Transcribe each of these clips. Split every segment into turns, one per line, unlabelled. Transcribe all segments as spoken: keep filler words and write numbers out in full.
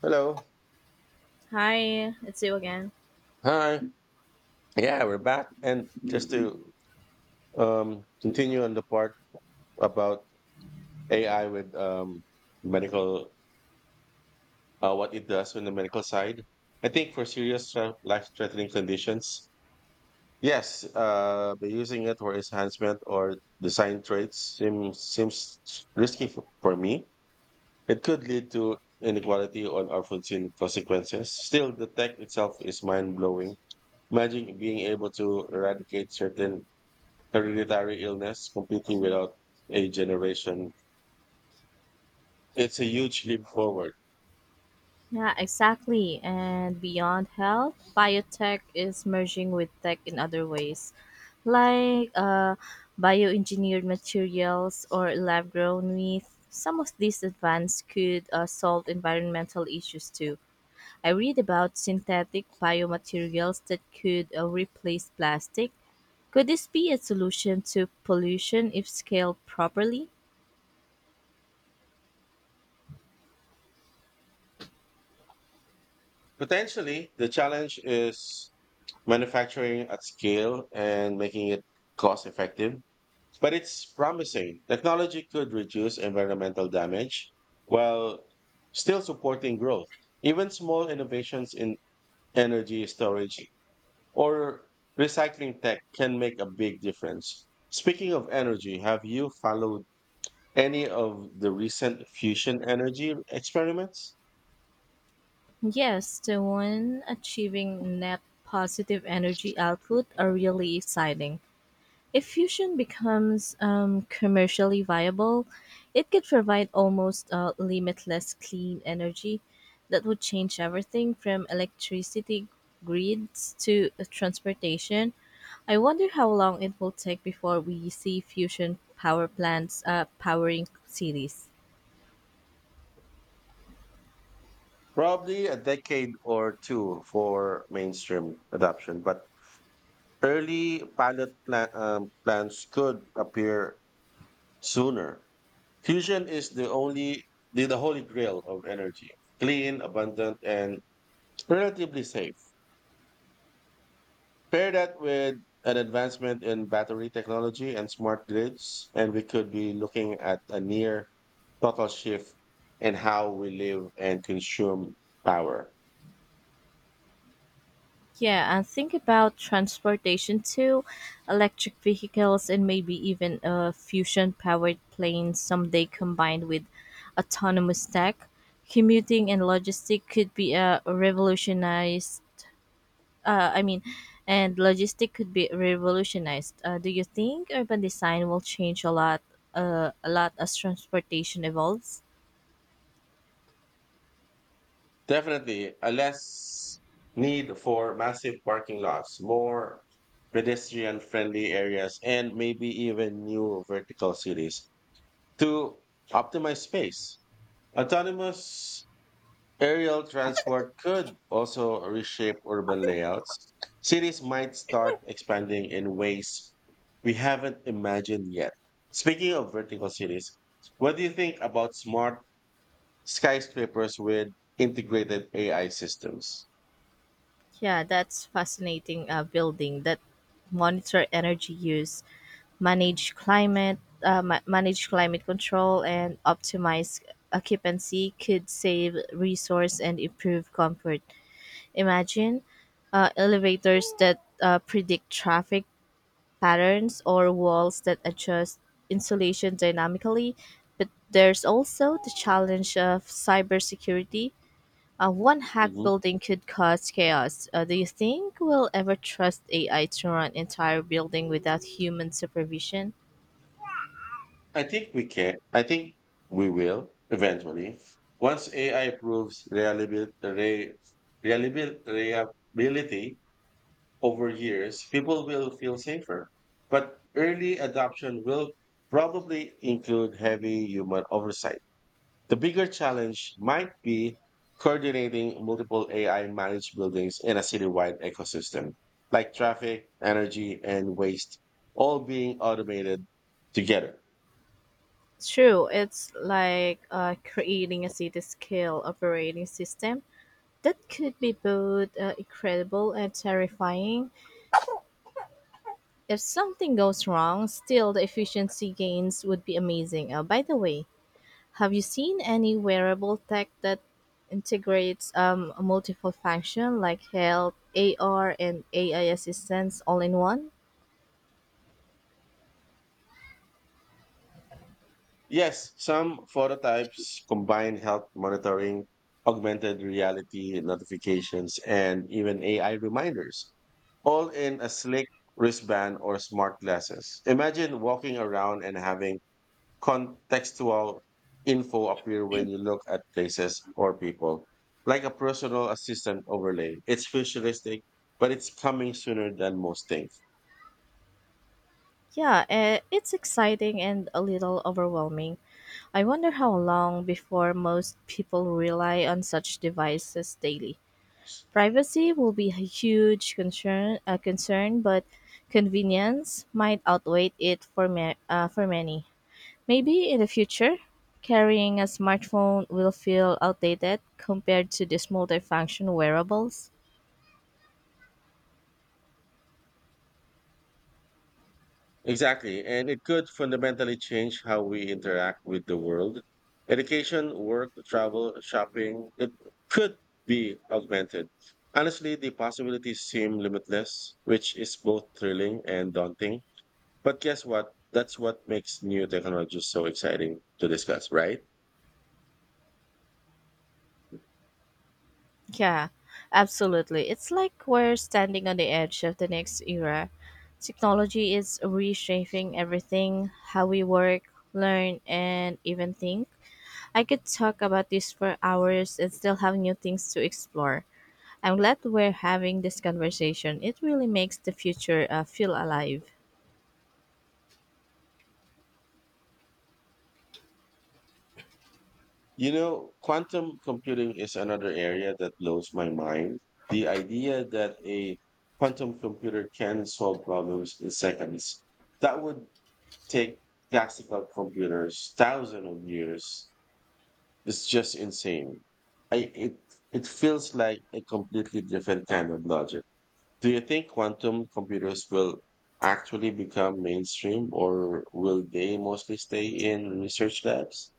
Hello.
Hi, it's you again.
Hi. Yeah, we're back. And just to um, continue on the part about A I with um, medical, uh, what it does on the medical side, I think for serious uh, life-threatening conditions, yes, uh, by using it for enhancement or design traits seems seems risky for, for me. It could lead to inequality or unforeseen consequences. Still, the tech itself is mind-blowing. Imagine being able to eradicate certain hereditary illness completely without a generation. It's a huge leap forward.
Yeah, exactly. And beyond health, biotech is merging with tech in other ways, like uh, bioengineered materials or lab grown meat. Some of these advances could uh, solve environmental issues too. I read about synthetic biomaterials that could uh, replace plastic. Could this be a solution to pollution if scaled properly?
Potentially, the challenge is manufacturing at scale and making it cost effective. But it's promising. Technology could reduce environmental damage while still supporting growth. Even small innovations in energy storage or recycling tech can make a big difference. Speaking of energy, have you followed any of the recent fusion energy experiments?
Yes, the one achieving net positive energy output are really exciting. If fusion becomes um, commercially viable, it could provide almost uh, limitless clean energy that would change everything from electricity grids to uh, transportation. I wonder how long it will take before we see fusion power plants uh, powering cities.
Probably a decade or two for mainstream adoption, but early pilot plan, um, plans could appear sooner. Fusion is the only the, the holy grail of energy, clean, abundant, and relatively safe. Pair that with an advancement in battery technology and smart grids, and we could be looking at a near total shift in how we live and consume power.
Yeah, and think about transportation too, electric vehicles and maybe even a fusion powered plane someday combined with autonomous tech. Commuting and logistic could be a revolutionized uh, I mean and logistic could be revolutionized. Uh, do you think urban design will change a lot uh, a lot as transportation evolves?
Definitely a less need for massive parking lots, more pedestrian friendly areas, and maybe even new vertical cities to optimize space. Autonomous aerial transport could also reshape urban layouts. Cities might start expanding in ways we haven't imagined yet. Speaking of vertical cities, what do you think about smart skyscrapers with integrated A I systems?
Yeah, that's fascinating uh, building that monitor energy use manage climate uh, ma- manage climate control and optimize occupancy could save resource and improve comfort imagine uh, elevators that uh, predict traffic patterns or walls that adjust insulation dynamically but there's also the challenge of cybersecurity uh, one hack
Mhm.
building could cause chaos. Uh, do you think we'll ever trust A I to run entire building without human supervision?
I think we can. I think we will eventually. Once A I proves reliabil- re- reliabil- reliability over years, people will feel safer. But early adoption will probably include heavy human oversight. The bigger challenge might be coordinating multiple A I managed buildings in a citywide ecosystem, like traffic, energy, and waste, all being automated together.
It's true. It's like uh, creating a city scale operating system that could be both uh, incredible and terrifying. If something goes wrong, still the efficiency gains would be amazing. Uh, by the way, have you seen any wearable tech that integrates um, multiple function like health, A R, and A I assistance all in one?
Yes, some phototypes combine health monitoring, augmented reality notifications, and even A I reminders, all in a slick wristband or smart glasses. Imagine walking around and having contextual info appear when you look at places or people, like a personal assistant overlay. It's futuristic, but it's coming sooner than most think.
Yeah, uh, it's exciting and a little overwhelming. I wonder how long before most people rely on such devices daily. Privacy will be a huge concern, uh, concern but convenience might outweigh it for, ma- uh, for many. Maybe in the future, carrying a smartphone will feel outdated compared to these multifunction wearables.
Exactly. And it could fundamentally change how we interact with the world. Education, work, travel, shopping, it could be augmented. Honestly, the possibilities seem limitless, which is both thrilling and daunting. But guess what? That's what makes new technologies so exciting to discuss, right?
Yeah, absolutely. It's like we're standing on the edge of the next era. Technology is reshaping everything how we work, learn, and even think. I could talk about this for hours and still have new things to explore. I'm glad we're having this conversation. It really makes the future uh, feel alive.
You know, quantum computing is another area that blows my mind. The idea that a quantum computer can solve problems in seconds that would take classical computers thousands of years. It's just insane. I, it it feels like a completely different kind of logic. Do you think quantum computers will actually become mainstream, or will they mostly stay in research labs?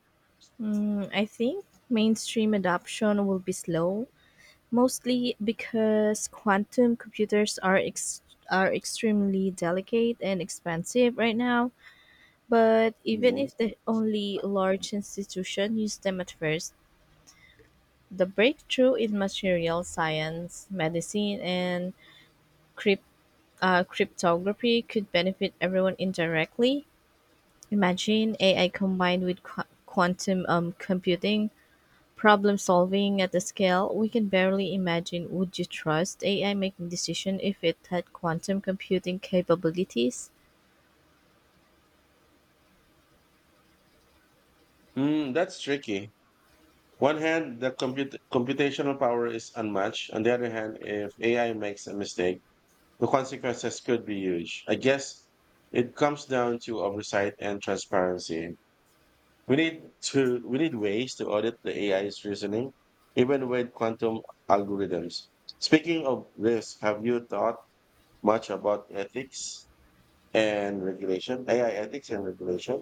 Mm, I think mainstream adoption will be slow, mostly because quantum computers are ex- are extremely delicate and expensive right now. But even
Mhm.
if the only large institution used them at first, the breakthrough in material science, medicine, and crypt- uh, cryptography could benefit everyone indirectly. Imagine A I combined with qu- quantum um, computing. Problem-solving at a scale we can barely imagine. Would you trust A I making decisions if it had quantum computing capabilities?
Mm, that's tricky. One hand, the comput computational power is unmatched. On the other hand, if A I makes a mistake, the consequences could be huge. I guess it comes down to oversight and transparency. We need to we need ways to audit the A I's reasoning, even with quantum algorithms. Speaking of risk, have you thought much about ethics and regulation? A I ethics and regulation?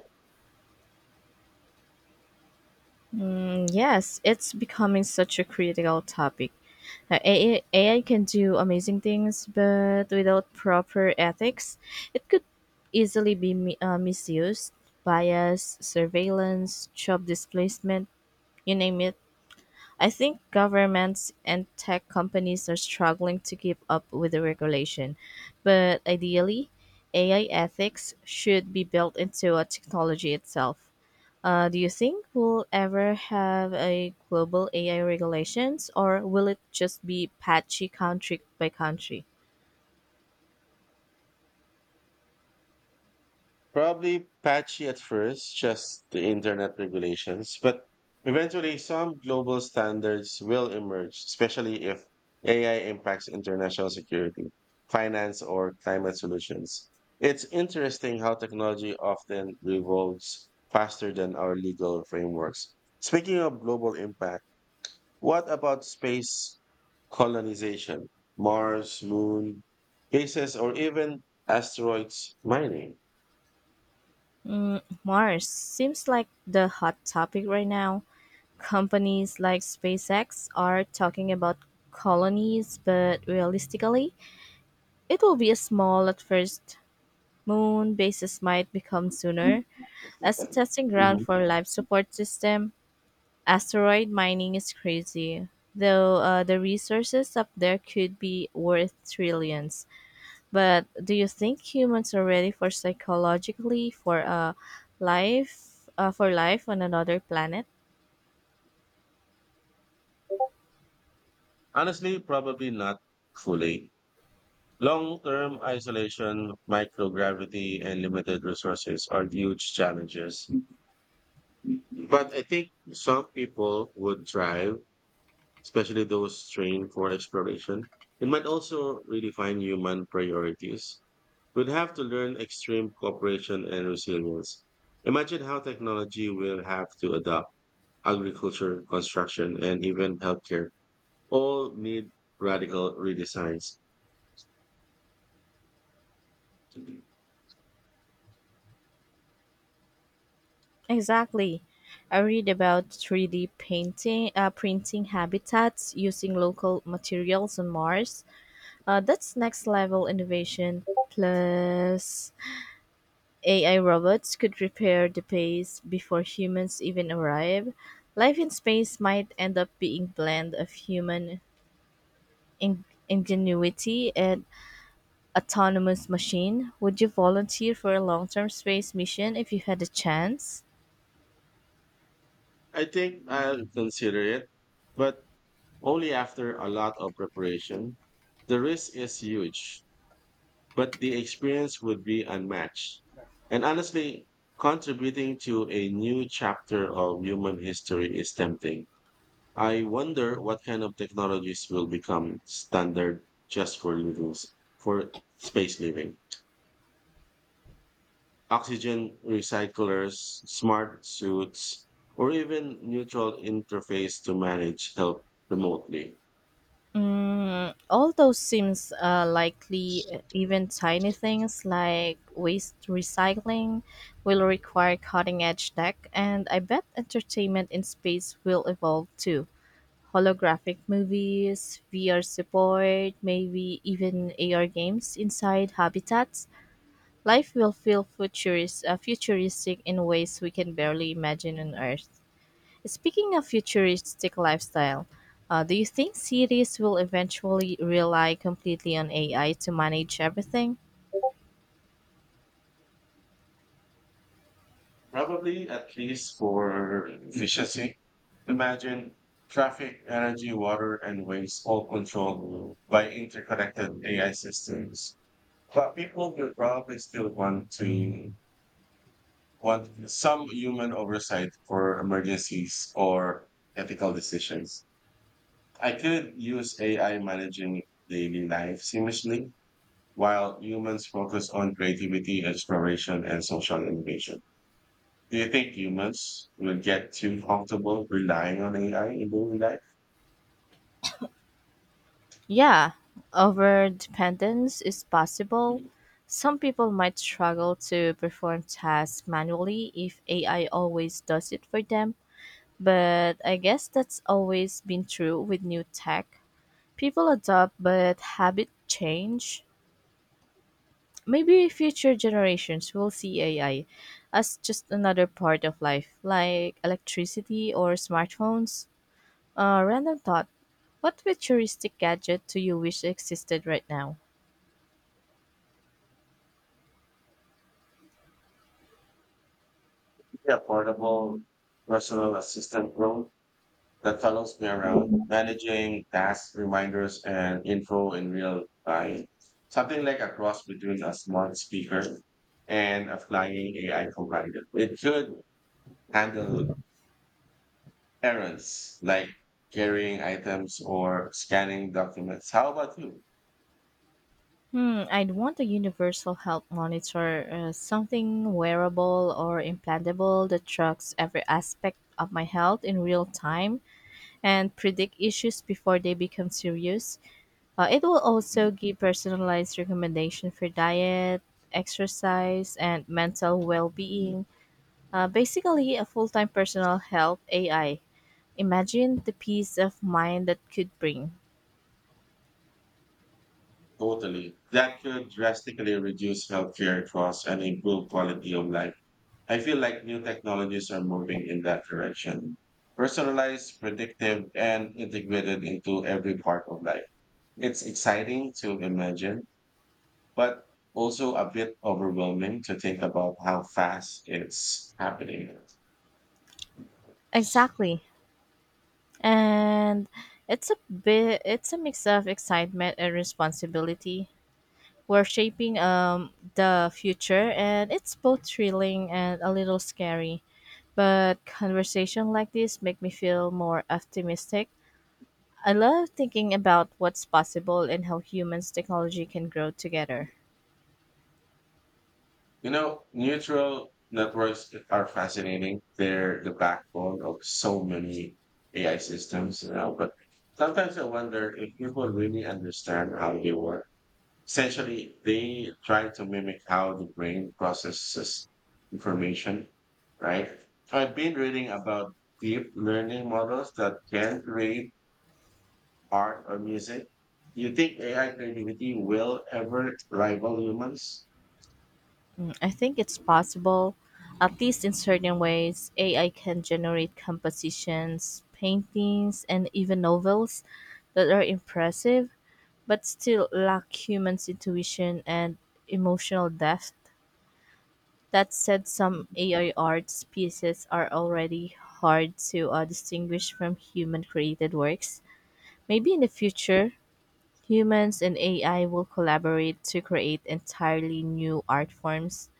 Mm, yes, it's becoming such a critical topic. Now, A I can do amazing things, but without proper ethics, it could easily be mi- uh, misused, bias, surveillance, job displacement, you name it. I think governments and tech companies are struggling to keep up with the regulation, but ideally, A I ethics should be built into a technology itself. Uh, do you think we'll ever have a global A I regulations, or will it just be patchy country by country?
Probably patchy at first, just the internet regulations, but eventually some global standards will emerge, especially if A I impacts international security, finance, or climate solutions. It's interesting how technology often revolves faster than our legal frameworks. Speaking of global impact, what about space colonization, Mars, moon, bases, or even asteroids mining?
Mm, Mars seems like the hot topic right now. Companies like SpaceX are talking about colonies, but realistically, it will be small at first. Moon bases might become sooner as a testing ground for life support system. Asteroid mining is crazy, though uh, the resources up there could be worth trillions. But do you think humans are ready for psychologically for a life uh, for life on another planet?
Honestly, probably not fully. Long term isolation, microgravity, and limited resources are huge challenges. But I think some people would thrive, especially those trained for exploration. It might also redefine human priorities. We'd have to learn extreme cooperation and resilience. Imagine how technology will have to adapt. Agriculture, construction, and even healthcare all need radical redesigns.
Exactly. I read about three D painting, uh, printing habitats using local materials on Mars. Uh, that's next level innovation. Plus, A I robots could repair the base before humans even arrive. Life in space might end up being blend of human in- ingenuity and autonomous machine. Would you volunteer for a long-term space mission if you had a chance?
I think I'll consider it, but only after a lot of preparation. The risk is huge, but the experience would be unmatched. And honestly, contributing to a new chapter of human history is tempting. I wonder what kind of technologies will become standard just for living, for space living. Oxygen recyclers, smart suits, or even neutral interface to manage health remotely.
Mm, all those seems uh, likely. uh, Even tiny things like waste recycling will require cutting edge tech, and I bet entertainment in space will evolve too. Holographic movies, V R support, maybe even A R games inside habitats. Life will feel futuris- uh, futuristic in ways we can barely imagine on Earth. Speaking of futuristic lifestyle, uh, do you think cities will eventually rely completely on A I to manage everything?
Probably at least for efficiency. Imagine traffic, energy, water, and waste all controlled by interconnected A I systems. But people will probably still want to want some human oversight for emergencies or ethical decisions. I could use A I managing daily life seamlessly while humans focus on creativity, exploration, and social innovation. Do you think humans will get too comfortable relying on A I in daily life?
Yeah, over dependence is possible. Some people might struggle to perform tasks manually if A I always does it for them, but I guess that's always been true with new tech. People adopt, but habit change. Maybe future generations will see A I as just another part of life, like electricity or smartphones. Uh, random thought. What futuristic gadget do you wish existed right now?
The affordable personal assistant role that follows me around, managing tasks, reminders, and info in real time. Something like a cross between a smart speaker and a flying A I provider. It could handle errands like carrying items or scanning documents. How about you?
Hmm, I'd want a universal health monitor, uh, something wearable or implantable that tracks every aspect of my health in real time and predict issues before they become serious. Uh, it will also give personalized recommendation for diet, exercise, and mental
Mm.
well-being. Uh, basically, a full-time personal health A I. Imagine the peace of mind that could bring.
Totally. That could drastically reduce healthcare costs and improve quality of life. I feel like new technologies are moving in that direction. Personalized, predictive, and integrated into every part of life. It's exciting to imagine, but also a bit overwhelming to think about how fast it's happening.
Exactly, and it's a bit. it's a mix of excitement and responsibility. We're shaping um, the future, and it's both thrilling and a little scary. But conversation like this make me feel more optimistic. I love thinking about what's possible and how humans technology can grow together.
You know, neural networks are fascinating. They're the backbone of so many A I systems now. But sometimes I wonder if people really understand how they work. Essentially, they try to mimic how the brain processes information, right? So I've been reading about deep learning models that can create art or music. Do you think A I creativity will ever rival humans?
Mm, I think it's possible, at least in certain ways. A I can generate compositions, paintings, and even novels that are impressive, but still lack humans' intuition and emotional depth. That said, some A I arts pieces are already hard to uh, distinguish from human created works. Maybe in the future, humans and A I will collaborate to create entirely new art forms.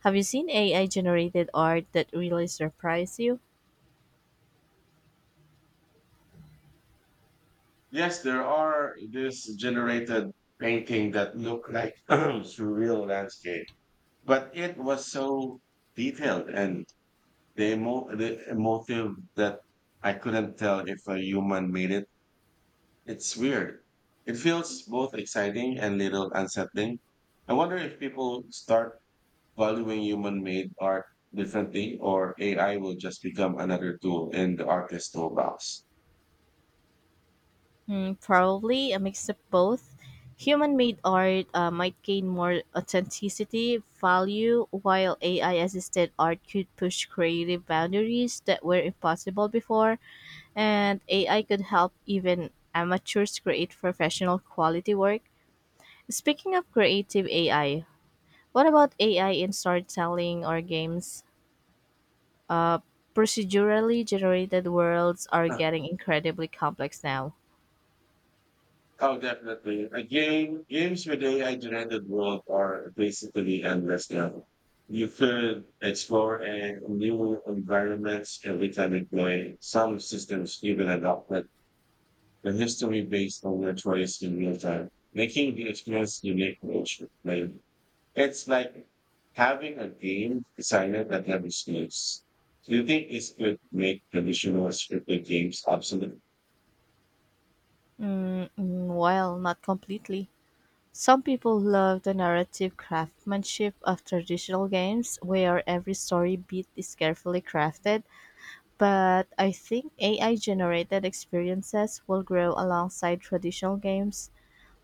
Have you seen A I generated art that really surprised you?
Yes, there are this generated painting that look like surreal landscape, but it was so detailed and the, emo- the emotive that I couldn't tell if a human made it. It's weird. It feels both exciting and little unsettling. I wonder if people start valuing human-made art differently, or A I will just become another tool in the artist's toolbox?
Hmm, probably a mix of both. Human made art uh, might gain more authenticity, value, while A I assisted art could push creative boundaries that were impossible before, and A I could help even amateurs create professional quality work. Speaking of creative A I, what about A I in storytelling or games? Procedurally generated worlds are
Huh.
getting incredibly complex now.
Oh, definitely. A game, games with ai generated world are basically endless now. You could explore a new environments every time you play. Some systems even adopted the history based on your choice in real time, making the experience unique to each player. It's like having a game designer at every stage. Do you think this could make traditional scripted games obsolete?
Mm, mm, well, not completely. Some people love the narrative craftsmanship of traditional games where every story beat is carefully crafted, but I think A I generated experiences will grow alongside traditional games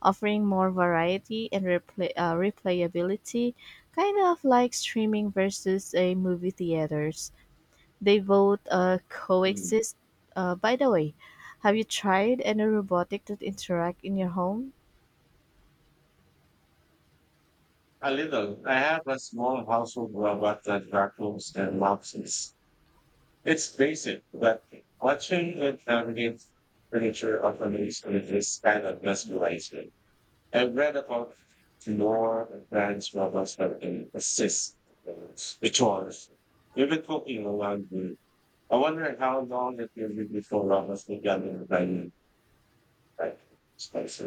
offering more variety and replay, uh, replayability, kind of like streaming versus a movie theaters. They both uh, coexist. Uh, by the way, have you tried any robotic that interact in your home?
A little. I have a small household robot that vacuums and mops. It's, it's basic, but watching it navigate furniture often leaves me with this kind of mesmerization. I've read about more advanced robots that can assist the chores, even cooking or laundry. I wonder how long it will be before robots will get in the dining right space.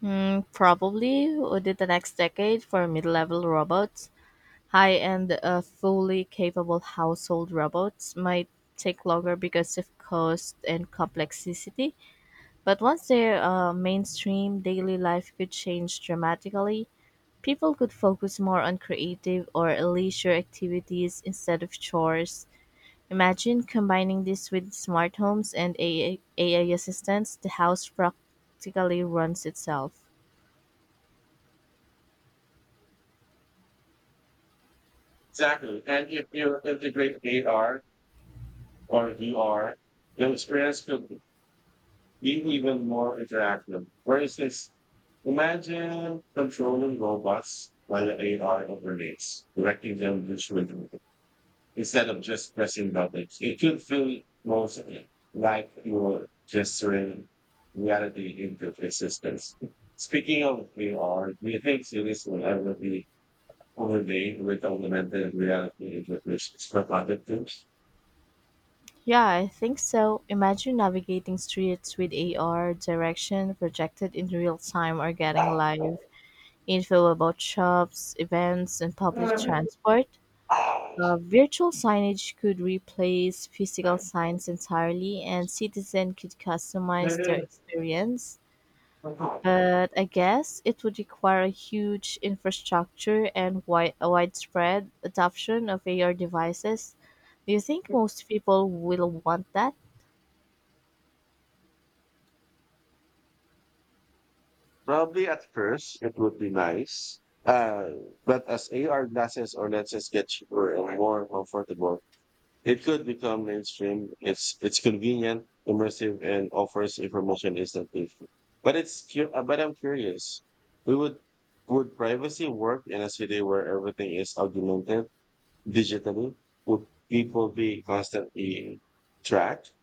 Hmm, probably within the next decade for mid-level robots. High-end, uh, fully capable household robots might take longer because of cost and complexity. But once their uh, mainstream daily life could change dramatically, people could focus more on creative or leisure activities instead of chores. Imagine combining this with smart homes and AI, A I assistants, the house practically runs itself.
Exactly. And if you integrate A R or V R, the experience could being even more interactive. For instance, imagine controlling robots while the A R operates, directing them visually instead of just pressing buttons. It could feel most like you're gesturing reality into existence. Speaking of A R, do you think series will ever be overlaid with augmented reality interpretations for content
Yeah, I think so. Imagine navigating streets with A R direction projected in real time or getting live info about shops, events, and public transport.
tools?
Uh, virtual signage could replace physical signs entirely, and citizens could customize their experience. But I guess it would require a huge infrastructure and wide, a widespread adoption of A R devices. Do you think most people will want that?
Probably at first it would be nice. Uh, but as A R glasses or lenses get cheaper and more comfortable, it could become mainstream. It's it's convenient, immersive, and offers information instantly. But it's cu- uh, but I'm curious. We would would privacy work in a city where everything is augmented digitally? Would people be constantly tracked?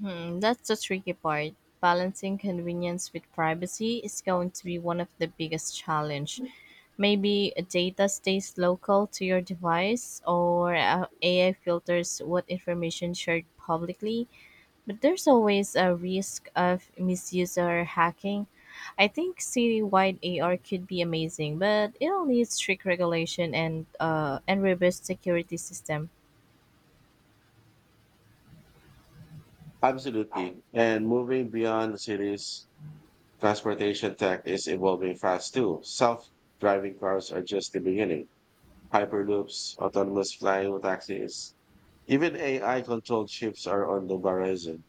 Hmm, that's the tricky part. Balancing convenience with privacy is going to be one of the biggest challenge. Maybe data stays local to your device or uh, A I filters what information shared publicly, but there's always a risk of misuse or hacking. I think city wide A R could be amazing, but it'll need strict regulation and uh, and robust security system.
Absolutely. And moving beyond cities, transportation tech is evolving fast too. Self driving cars are just the beginning. Hyperloops, autonomous flying taxis, even A I controlled ships are on the horizon.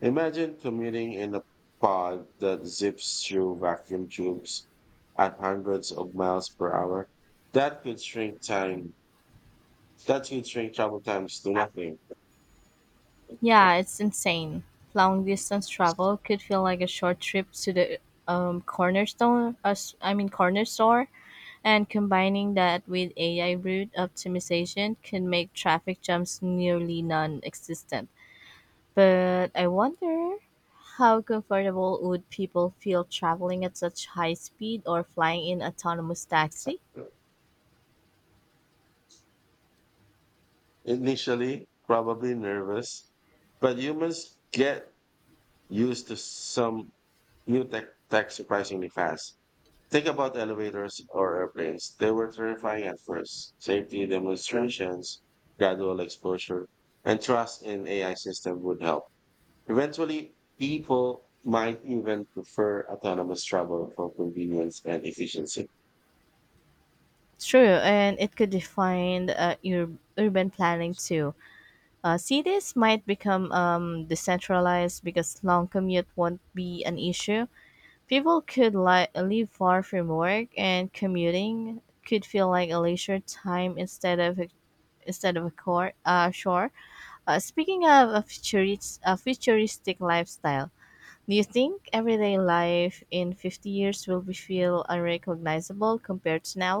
Imagine commuting in a pod that zips through vacuum tubes at hundreds of miles per hour. That could shrink time. That could shrink travel times to nothing.
Yeah, it's insane. Long distance travel could feel like a short trip to the um, corner store, uh, s- I mean corner store, and combining that with A I route optimization can make traffic jams nearly non-existent. But I wonder how comfortable would people feel traveling at such high speed or flying in autonomous taxi?
Initially probably nervous, but humans get used to some New tech, tech surprisingly fast. Think about elevators or airplanes. They were terrifying at first. Safety demonstrations, gradual exposure, and trust in A I system would help. Eventually, people might even prefer autonomous travel for convenience and efficiency.
True, and it could define uh, ur- urban planning too. Uh, cities might become um, decentralized because long commute won't be an issue. People could li- live far from work, and commuting could feel like a leisure time instead of a, instead of a core uh, shore. Uh, speaking of a, futurist, a futuristic lifestyle, do you think everyday life in fifty years will be feel unrecognizable compared to now?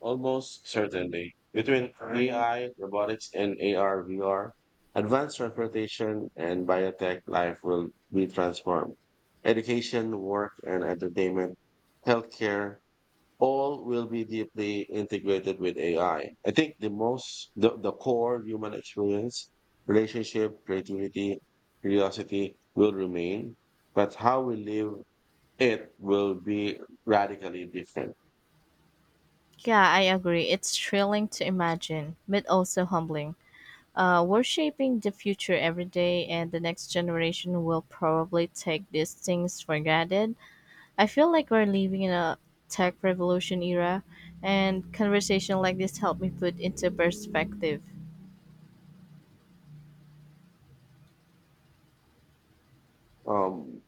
Almost certainly. Between A I, robotics, and A R, V R, advanced transportation and biotech life will be transformed. Education, work, and entertainment, healthcare, all will be deeply integrated with A I. I I think the most, the, the core human experience, relationship, creativity, curiosity will remain, but how we live it will be radically different.
Yeah, I agree. It's thrilling to imagine, but also humbling. Uh, we're shaping the future every day, and the next generation will probably take these things for granted. I feel like we're living in a tech revolution era, and conversation like this help me put into perspective.
Um,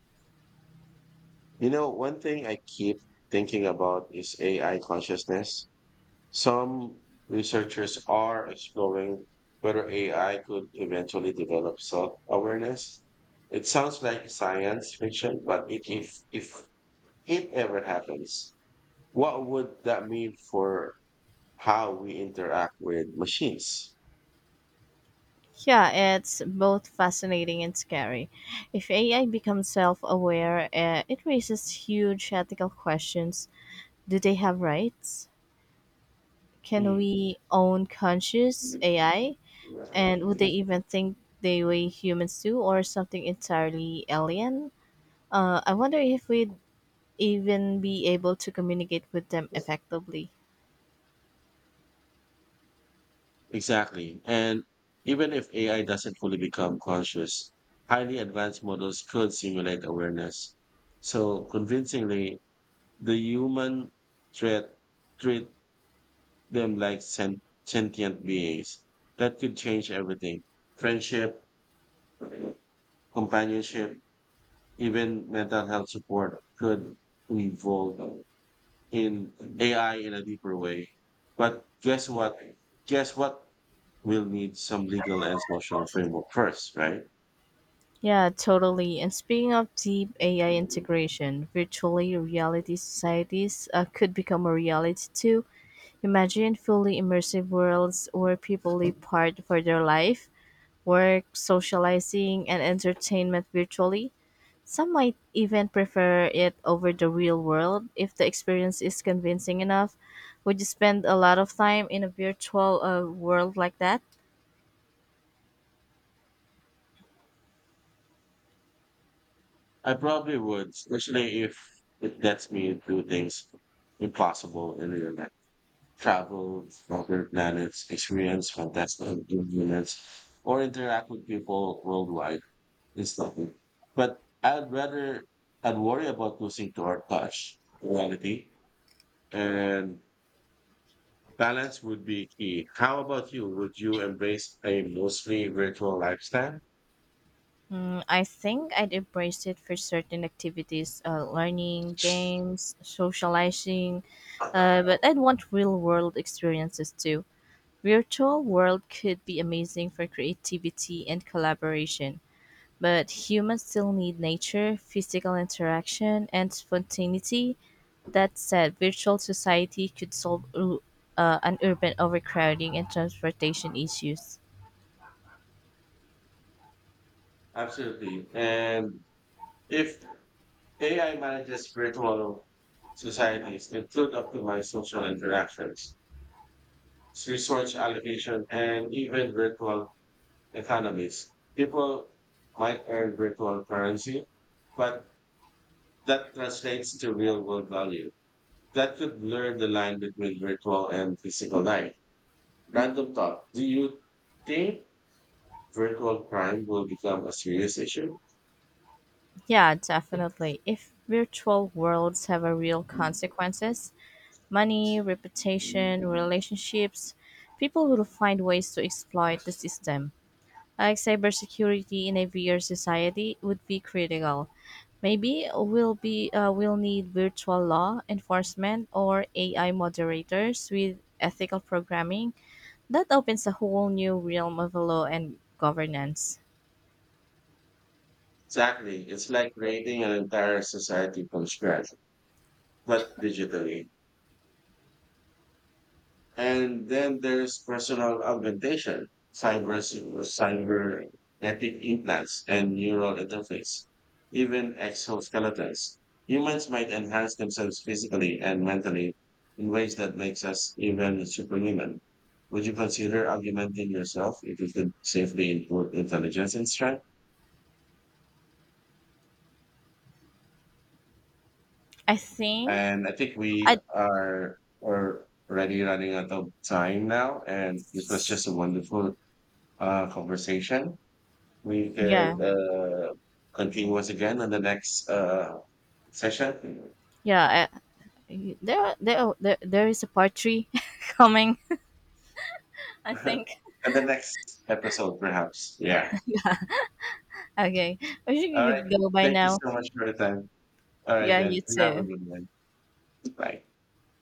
You know, one thing I keep thinking about is A I consciousness. Some researchers are exploring whether A I could eventually develop self-awareness. It sounds like science fiction, but it, if if it ever happens, what would that mean for how we interact with machines?
Yeah, it's both fascinating and scary. If A I becomes self aware, uh, it raises huge ethical questions. Do they have rights? Can
Hmm.
we own conscious A I? And would they even think the way humans do or something entirely alien? Uh, I wonder if we'd even be able to communicate with them effectively.
Exactly. And even if A I doesn't fully become conscious, highly advanced models could simulate awareness. So convincingly, the human threat treat them like sen- sentient beings. That could change everything. Friendship, companionship, even mental health support could evolve in A I in a deeper way. But guess what? Guess what? We'll need some legal and social framework first, right?
Yeah, totally. And speaking of deep A I integration, virtually reality societies uh, could become a reality too. Imagine fully immersive worlds where people live part for their life, work, socializing, and entertainment virtually. Some might even prefer it over the real world if the experience is convincing enough. Would you spend a lot of time in a virtual uh, world like that?
I probably would, especially if it lets me do things impossible in real life. Travel, other planets, experience fantastic units, or interact with people worldwide. It's nothing. But I'd rather, I'd worry about losing to our touch, reality, and balance would be key. How about you? Would you embrace a mostly virtual lifestyle?
Mm, I think I'd embrace it for certain activities, uh, learning, games, socializing, uh, but I'd want real world experiences too. Virtual world could be amazing for creativity and collaboration. But humans still need nature, physical interaction, and spontaneity. That said, virtual society could solve ur- uh, an urban overcrowding and transportation issues.
Absolutely. And if A I manages virtual societies, it could optimize social interactions, resource allocation, and even virtual economies. People might earn virtual currency, but that translates to real world value. That could blur the line between virtual and physical life. Random thought. Do you think virtual crime will become a serious issue.
Yeah, definitely. If virtual worlds have a real consequences, money, reputation, relationships, people will find ways to exploit the system. Like cybersecurity in a V R society would be critical. Maybe we'll be uh, we'll need virtual law enforcement or A I moderators with ethical programming. That opens a whole new realm of law and governance.
Exactly. It's like creating an entire society from scratch, but digitally. And then there's personal augmentation, cyber, cyber genetic implants, and neural interface, even exoskeletons. Humans might enhance themselves physically and mentally in ways that makes us even superhuman. Would you consider augmenting yourself if you could safely improve intelligence and strength?
I think
And I think we
I
are are already running out of time now. And this was just a wonderful uh, conversation. We
yeah,
could uh, continue once again on the next uh, session.
yeah I, there, there there there is a part three coming. I think
And the next episode, perhaps. Yeah.
okay. I think
All
you
right.
could go by
Thank you
now.
so much for the time. All right,
Yeah, you
then. You have a
too.
good one. Bye.